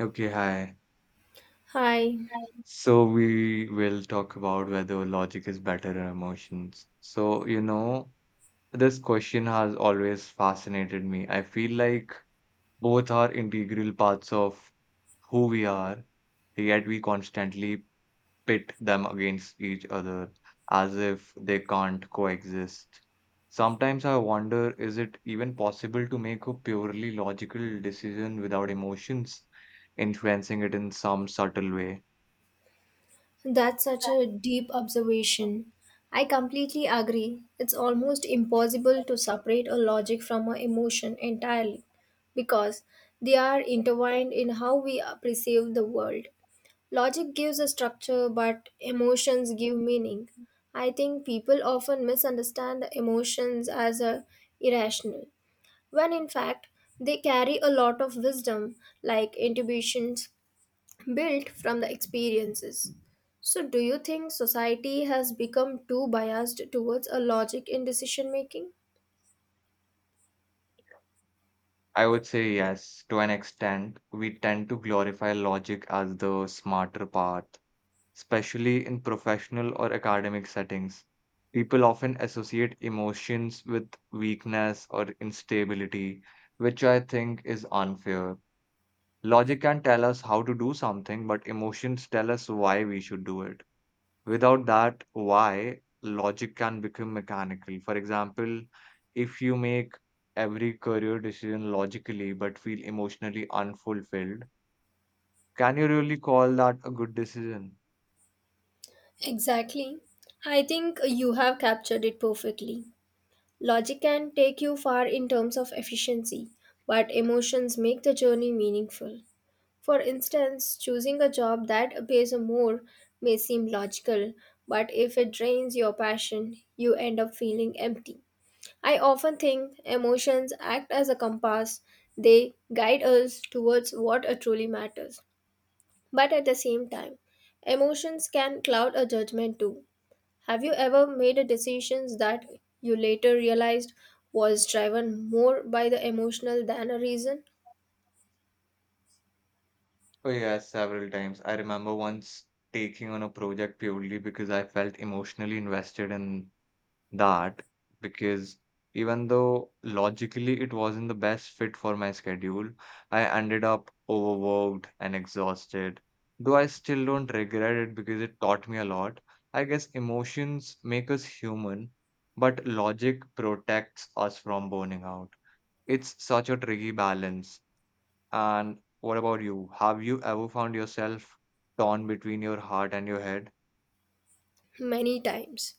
Okay, hi. Hi, So we will talk about whether logic is better than emotions. So, this question has always fascinated me. I feel like both are integral parts of who we are, yet we constantly pit them against each other as if they can't coexist. Sometimes I wonder, is it even possible to make a purely logical decision without emotions influencing it in some subtle way? that's such a deep observation. I completely agree. It's almost impossible to separate a logic from an emotion entirely because they are intertwined in how we perceive the world. Logic gives a structure, but emotions give meaning. I think people often misunderstand the emotions as a irrational, when in fact they carry a lot of wisdom, like intuitions, built from the experiences. So, do you think society has become too biased towards a logic in decision making? I would say yes, to an extent. We tend to glorify logic as the smarter path, especially in professional or academic settings. People often associate emotions with weakness or instability, which I think is unfair. Logic can tell us how to do something, but emotions tell us why we should do it. Without that why, logic can become mechanical. For example, if you make every career decision logically but feel emotionally unfulfilled, can you really call that a good decision? Exactly. I think you have captured it perfectly. Logic can take you far in terms of efficiency, but emotions make the journey meaningful. For instance, choosing a job that pays more may seem logical, but if it drains your passion, you end up feeling empty. I often think emotions act as a compass, they guide us towards what truly matters. But at the same time, emotions can cloud a judgment too. Have you ever made a decisions that you later realized was driven more by the emotional than a reason? Oh, yes, several times. I remember once taking on a project purely because I felt emotionally invested in that because even though logically it wasn't the best fit for my schedule, I ended up overworked and exhausted. Though I still don't regret it because it taught me a lot. I guess emotions make us human, but logic protects us from burning out. It's such a tricky balance. And what about you? Have you ever found yourself torn between your heart and your head? Many times.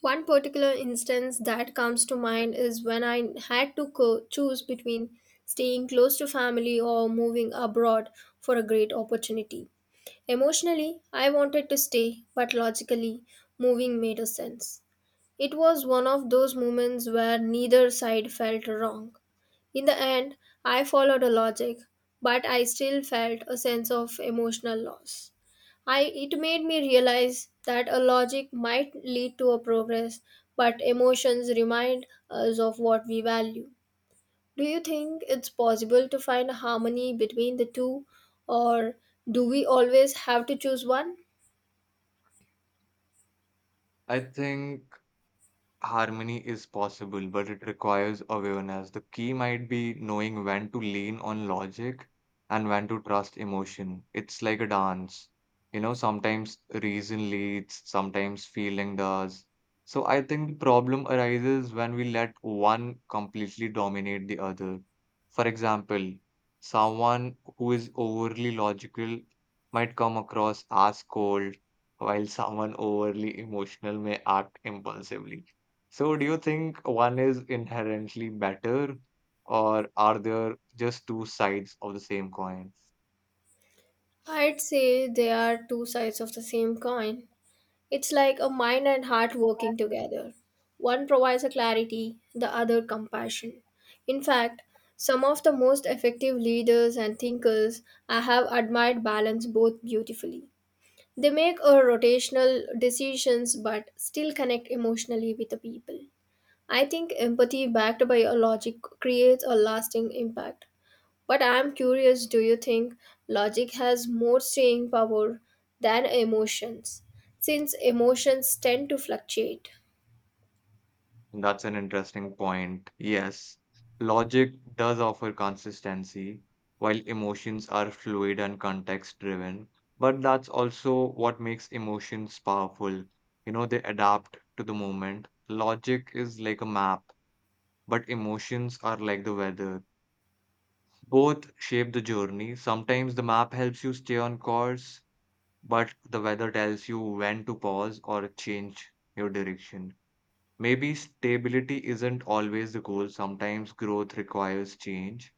One particular instance that comes to mind is when I had to choose between staying close to family or moving abroad for a great opportunity. Emotionally, I wanted to stay, but logically, moving made a sense. It was one of those moments where neither side felt wrong. In the end, I followed a logic, but I still felt a sense of emotional loss. I it made me realize that a logic might lead to a progress, but emotions remind us of what we value. Do you think it's possible to find a harmony between the two, or do we always have to choose one? I think Harmony is possible, but it requires awareness. The key might be knowing when to lean on logic and when to trust emotion. It's like a dance. Sometimes reason leads, sometimes feeling does. So I think the problem arises when we let one completely dominate the other. For example, someone who is overly logical might come across as cold, while someone overly emotional may act impulsively. So, do you think one is inherently better, or are there just two sides of the same coin? I'd say they are two sides of the same coin. It's like a mind and heart working together. One provides a clarity, the other compassion. In fact, some of the most effective leaders and thinkers I have admired balance both beautifully. They make a rotational decisions but still connect emotionally with the people. I think empathy backed by a logic creates a lasting impact but I'm curious do you think logic has more staying power than emotions? Since emotions tend to fluctuate. That's an interesting point. Yes, logic does offer consistency, while emotions are fluid and context driven. But that's also what makes emotions powerful. They adapt to the moment. Logic is like a map, but emotions are like the weather. Both shape the journey. Sometimes the map helps you stay on course but the weather tells you when to pause or change your direction. Maybe stability isn't always the goal, sometimes growth requires change,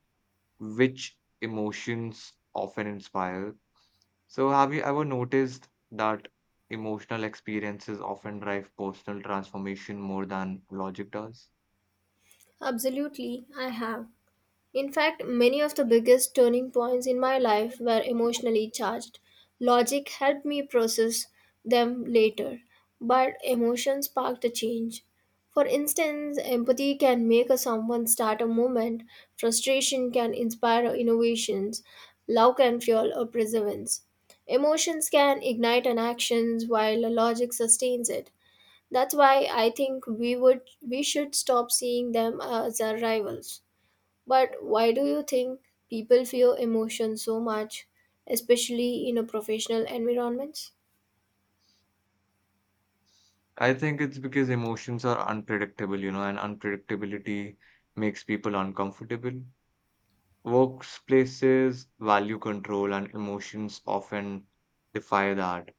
which emotions often inspire. So, have you ever noticed that emotional experiences often drive personal transformation more than logic does? Absolutely, I have. In fact, many of the biggest turning points in my life were emotionally charged. Logic helped me process them later, but emotion sparked a change. For instance, empathy can make a someone start a movement, frustration can inspire innovations, love can fuel a perseverance. Emotions can ignite an actions while logic sustains it. That's why I think we should stop seeing them as our rivals. But why do you think people fear emotion so much, especially in a professional environments? I think it's because emotions are unpredictable, and unpredictability makes people uncomfortable. Workplaces value control and emotions often defy that.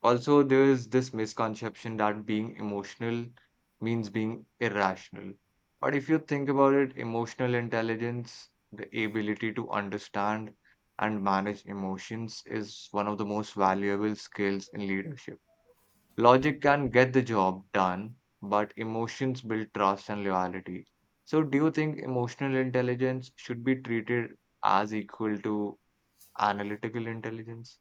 Also, there is this misconception that being emotional means being irrational. But if you think about it, emotional intelligence, the ability to understand and manage emotions, is one of the most valuable skills in leadership. Logic can get the job done, but emotions build trust and loyalty. So, do you think emotional intelligence should be treated as equal to analytical intelligence?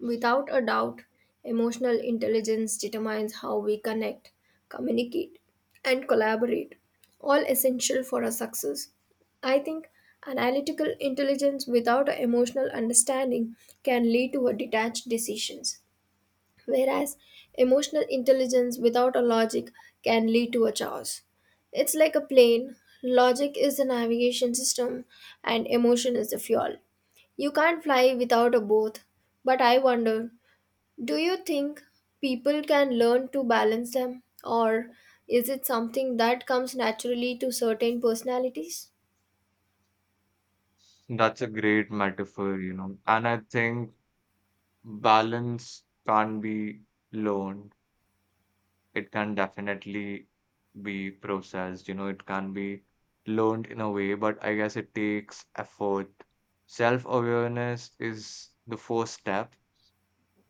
Without a doubt, emotional intelligence determines how we connect, communicate, and collaborate, all essential for our success. I think analytical intelligence without an emotional understanding can lead to a detached decisions whereas emotional intelligence without a logic can lead to a chaos. It's like a plane. Logic is the navigation system and emotion is the fuel. You can't fly without a both, but I wonder, do you think people can learn to balance them or is it something that comes naturally to certain personalities? That's a great metaphor. And I think balance can't be learned. It can definitely be processed, it can be learned in a way, but I guess it takes effort. Self-awareness is the first step.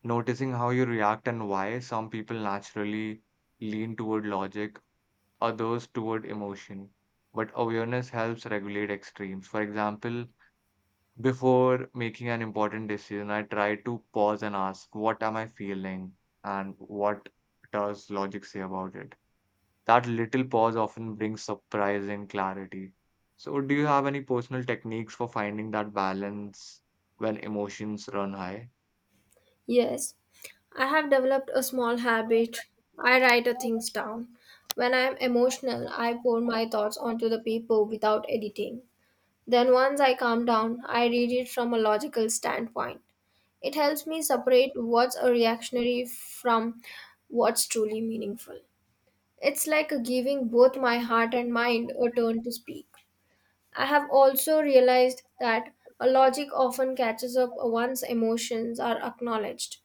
Noticing how you react and why some people naturally lean toward logic, others toward emotion. But awareness helps regulate extremes. For example, before making an important decision, I try to pause and ask, what am I feeling? And what does logic say about it? That little pause often brings surprise and clarity. So, do you have any personal techniques for finding that balance when emotions run high? Yes, I have developed a small habit. I write the things down. When I am emotional, I pour my thoughts onto the paper without editing. Then, once I calm down, I read it from a logical standpoint. It helps me separate what's a reactionary from what's truly meaningful. It's like giving both my heart and mind a turn to speak. I have also realized that a logic often catches up once emotions are acknowledged.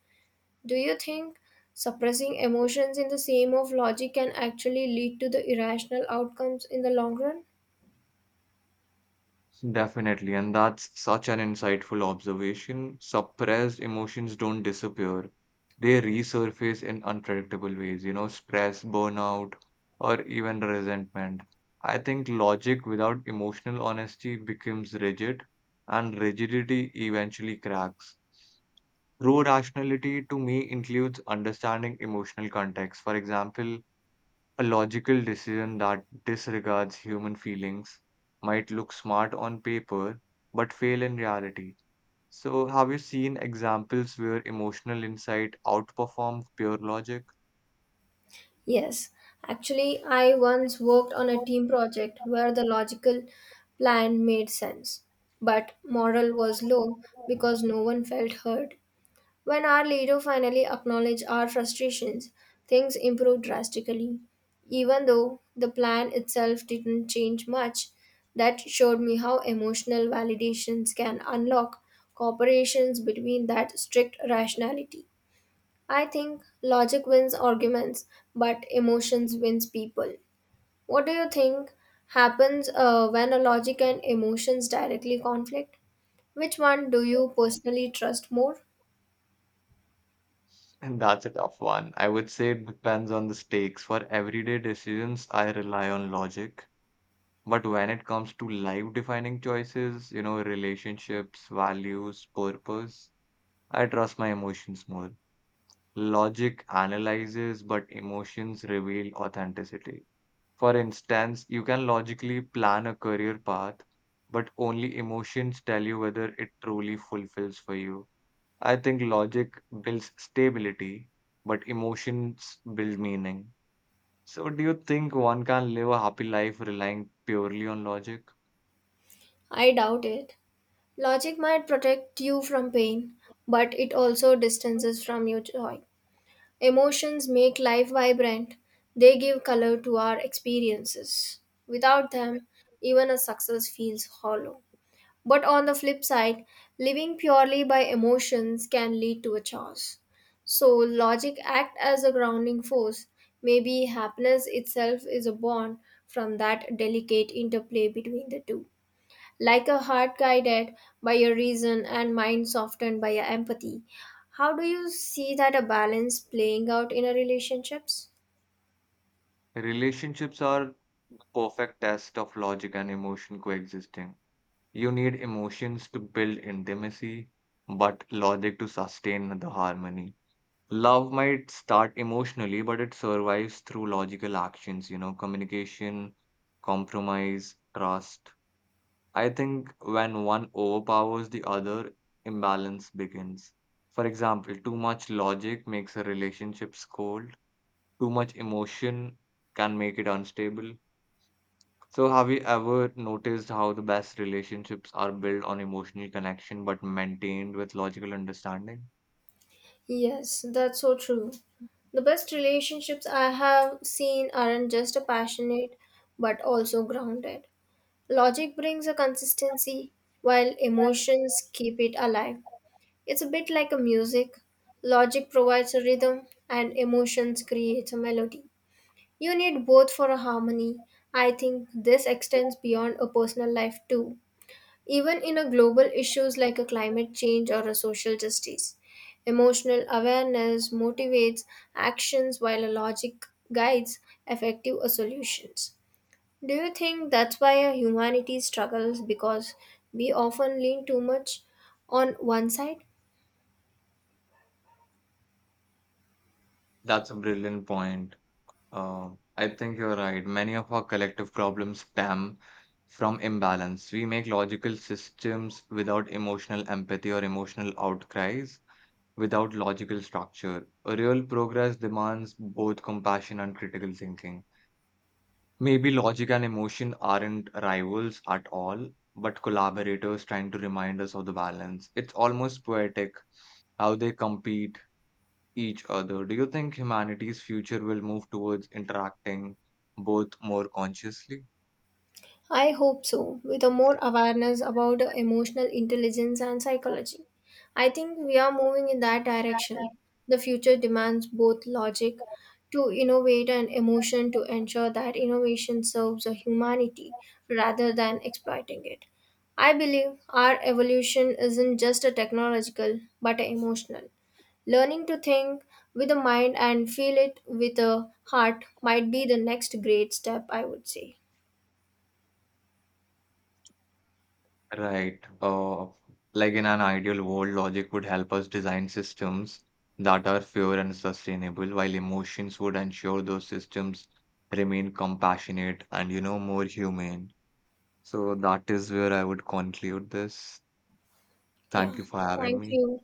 Do you think suppressing emotions in the name of logic can actually lead to the irrational outcomes in the long run? Definitely, and that's such an insightful observation. Suppressed emotions don't disappear, they resurface in unpredictable ways, stress, burnout, or even resentment. I think logic without emotional honesty becomes rigid, and rigidity eventually cracks. True rationality to me includes understanding emotional context. For example, a logical decision that disregards human feelings might look smart on paper but fail in reality. So, have you seen examples where emotional insight outperformed pure logic? Yes, actually, I once worked on a team project where the logical plan made sense, but moral was low because no one felt heard. When our leader finally acknowledged our frustrations, things improved drastically. Even though the plan itself didn't change much, that showed me how emotional validations can unlock cooperations between that strict rationality. I think logic wins arguments, but emotions wins people. What do you think happens when a logic and emotions directly conflict? Which one do you personally trust more? And that's a tough one. I would say it depends on the stakes. For everyday decisions, I rely on logic. But when it comes to life defining choices, relationships, values, purpose, I trust my emotions more. Logic analyzes, but emotions reveal authenticity. For instance, you can logically plan a career path, but only emotions tell you whether it truly fulfills for you. I think logic builds stability, but emotions build meaning. So, do you think one can live a happy life relying purely on logic? I doubt it. Logic might protect you from pain, but it also distances from you joy. Emotions make life vibrant. They give color to our experiences. Without them, even a success feels hollow. But on the flip side, living purely by emotions can lead to a chaos. So logic act as a grounding force. Maybe happiness itself is a bond from that delicate interplay between the two like a heart guided by your reason and mind softened by your empathy. How do you see that a balance playing out in a relationships? Relationships are the perfect test of logic and emotion coexisting. You need emotions to build intimacy, but logic to sustain the harmony. Love might start emotionally, but it survives through logical actions, communication, compromise, trust. I think when one overpowers the other, imbalance begins. For example, too much logic makes a relationship cold, too much emotion can make it unstable. So, have you ever noticed how the best relationships are built on emotional connection but maintained with logical understanding? Yes, that's so true. The best relationships I have seen aren't just passionate but also grounded. Logic brings a consistency while emotions keep it alive. It's a bit like a music. Logic provides a rhythm and emotions create a melody. You need both for a harmony. I think this extends beyond a personal life too. Even in a global issues like a climate change or a social justice, emotional awareness motivates actions while a logic guides effective solutions. Do you think that's why a humanity struggles because we often lean too much on one side? That's a brilliant point. Uh, I think you're right. Many of our collective problems stem from imbalance. We make logical systems without emotional empathy or emotional outcries, without logical structure. A real progress demands both compassion and critical thinking. Maybe logic and emotion aren't rivals at all, but collaborators trying to remind us of the balance. It's almost poetic how they compete each other. Do you think humanity's future will move towards interacting both more consciously? I hope so, with a more awareness about the emotional intelligence and psychology. I think we are moving in that direction. The future demands both logic to innovate and emotion to ensure that innovation serves a humanity rather than exploiting it. I believe our evolution isn't just a technological but a emotional. Learning to think with the mind and feel it with the heart might be the next great step, I would say. Right. Like in an ideal world, logic would help us design systems that are fair and sustainable, while emotions would ensure those systems remain compassionate and more humane. So that is where I would conclude this. Thank Yeah, you for having thank me. you.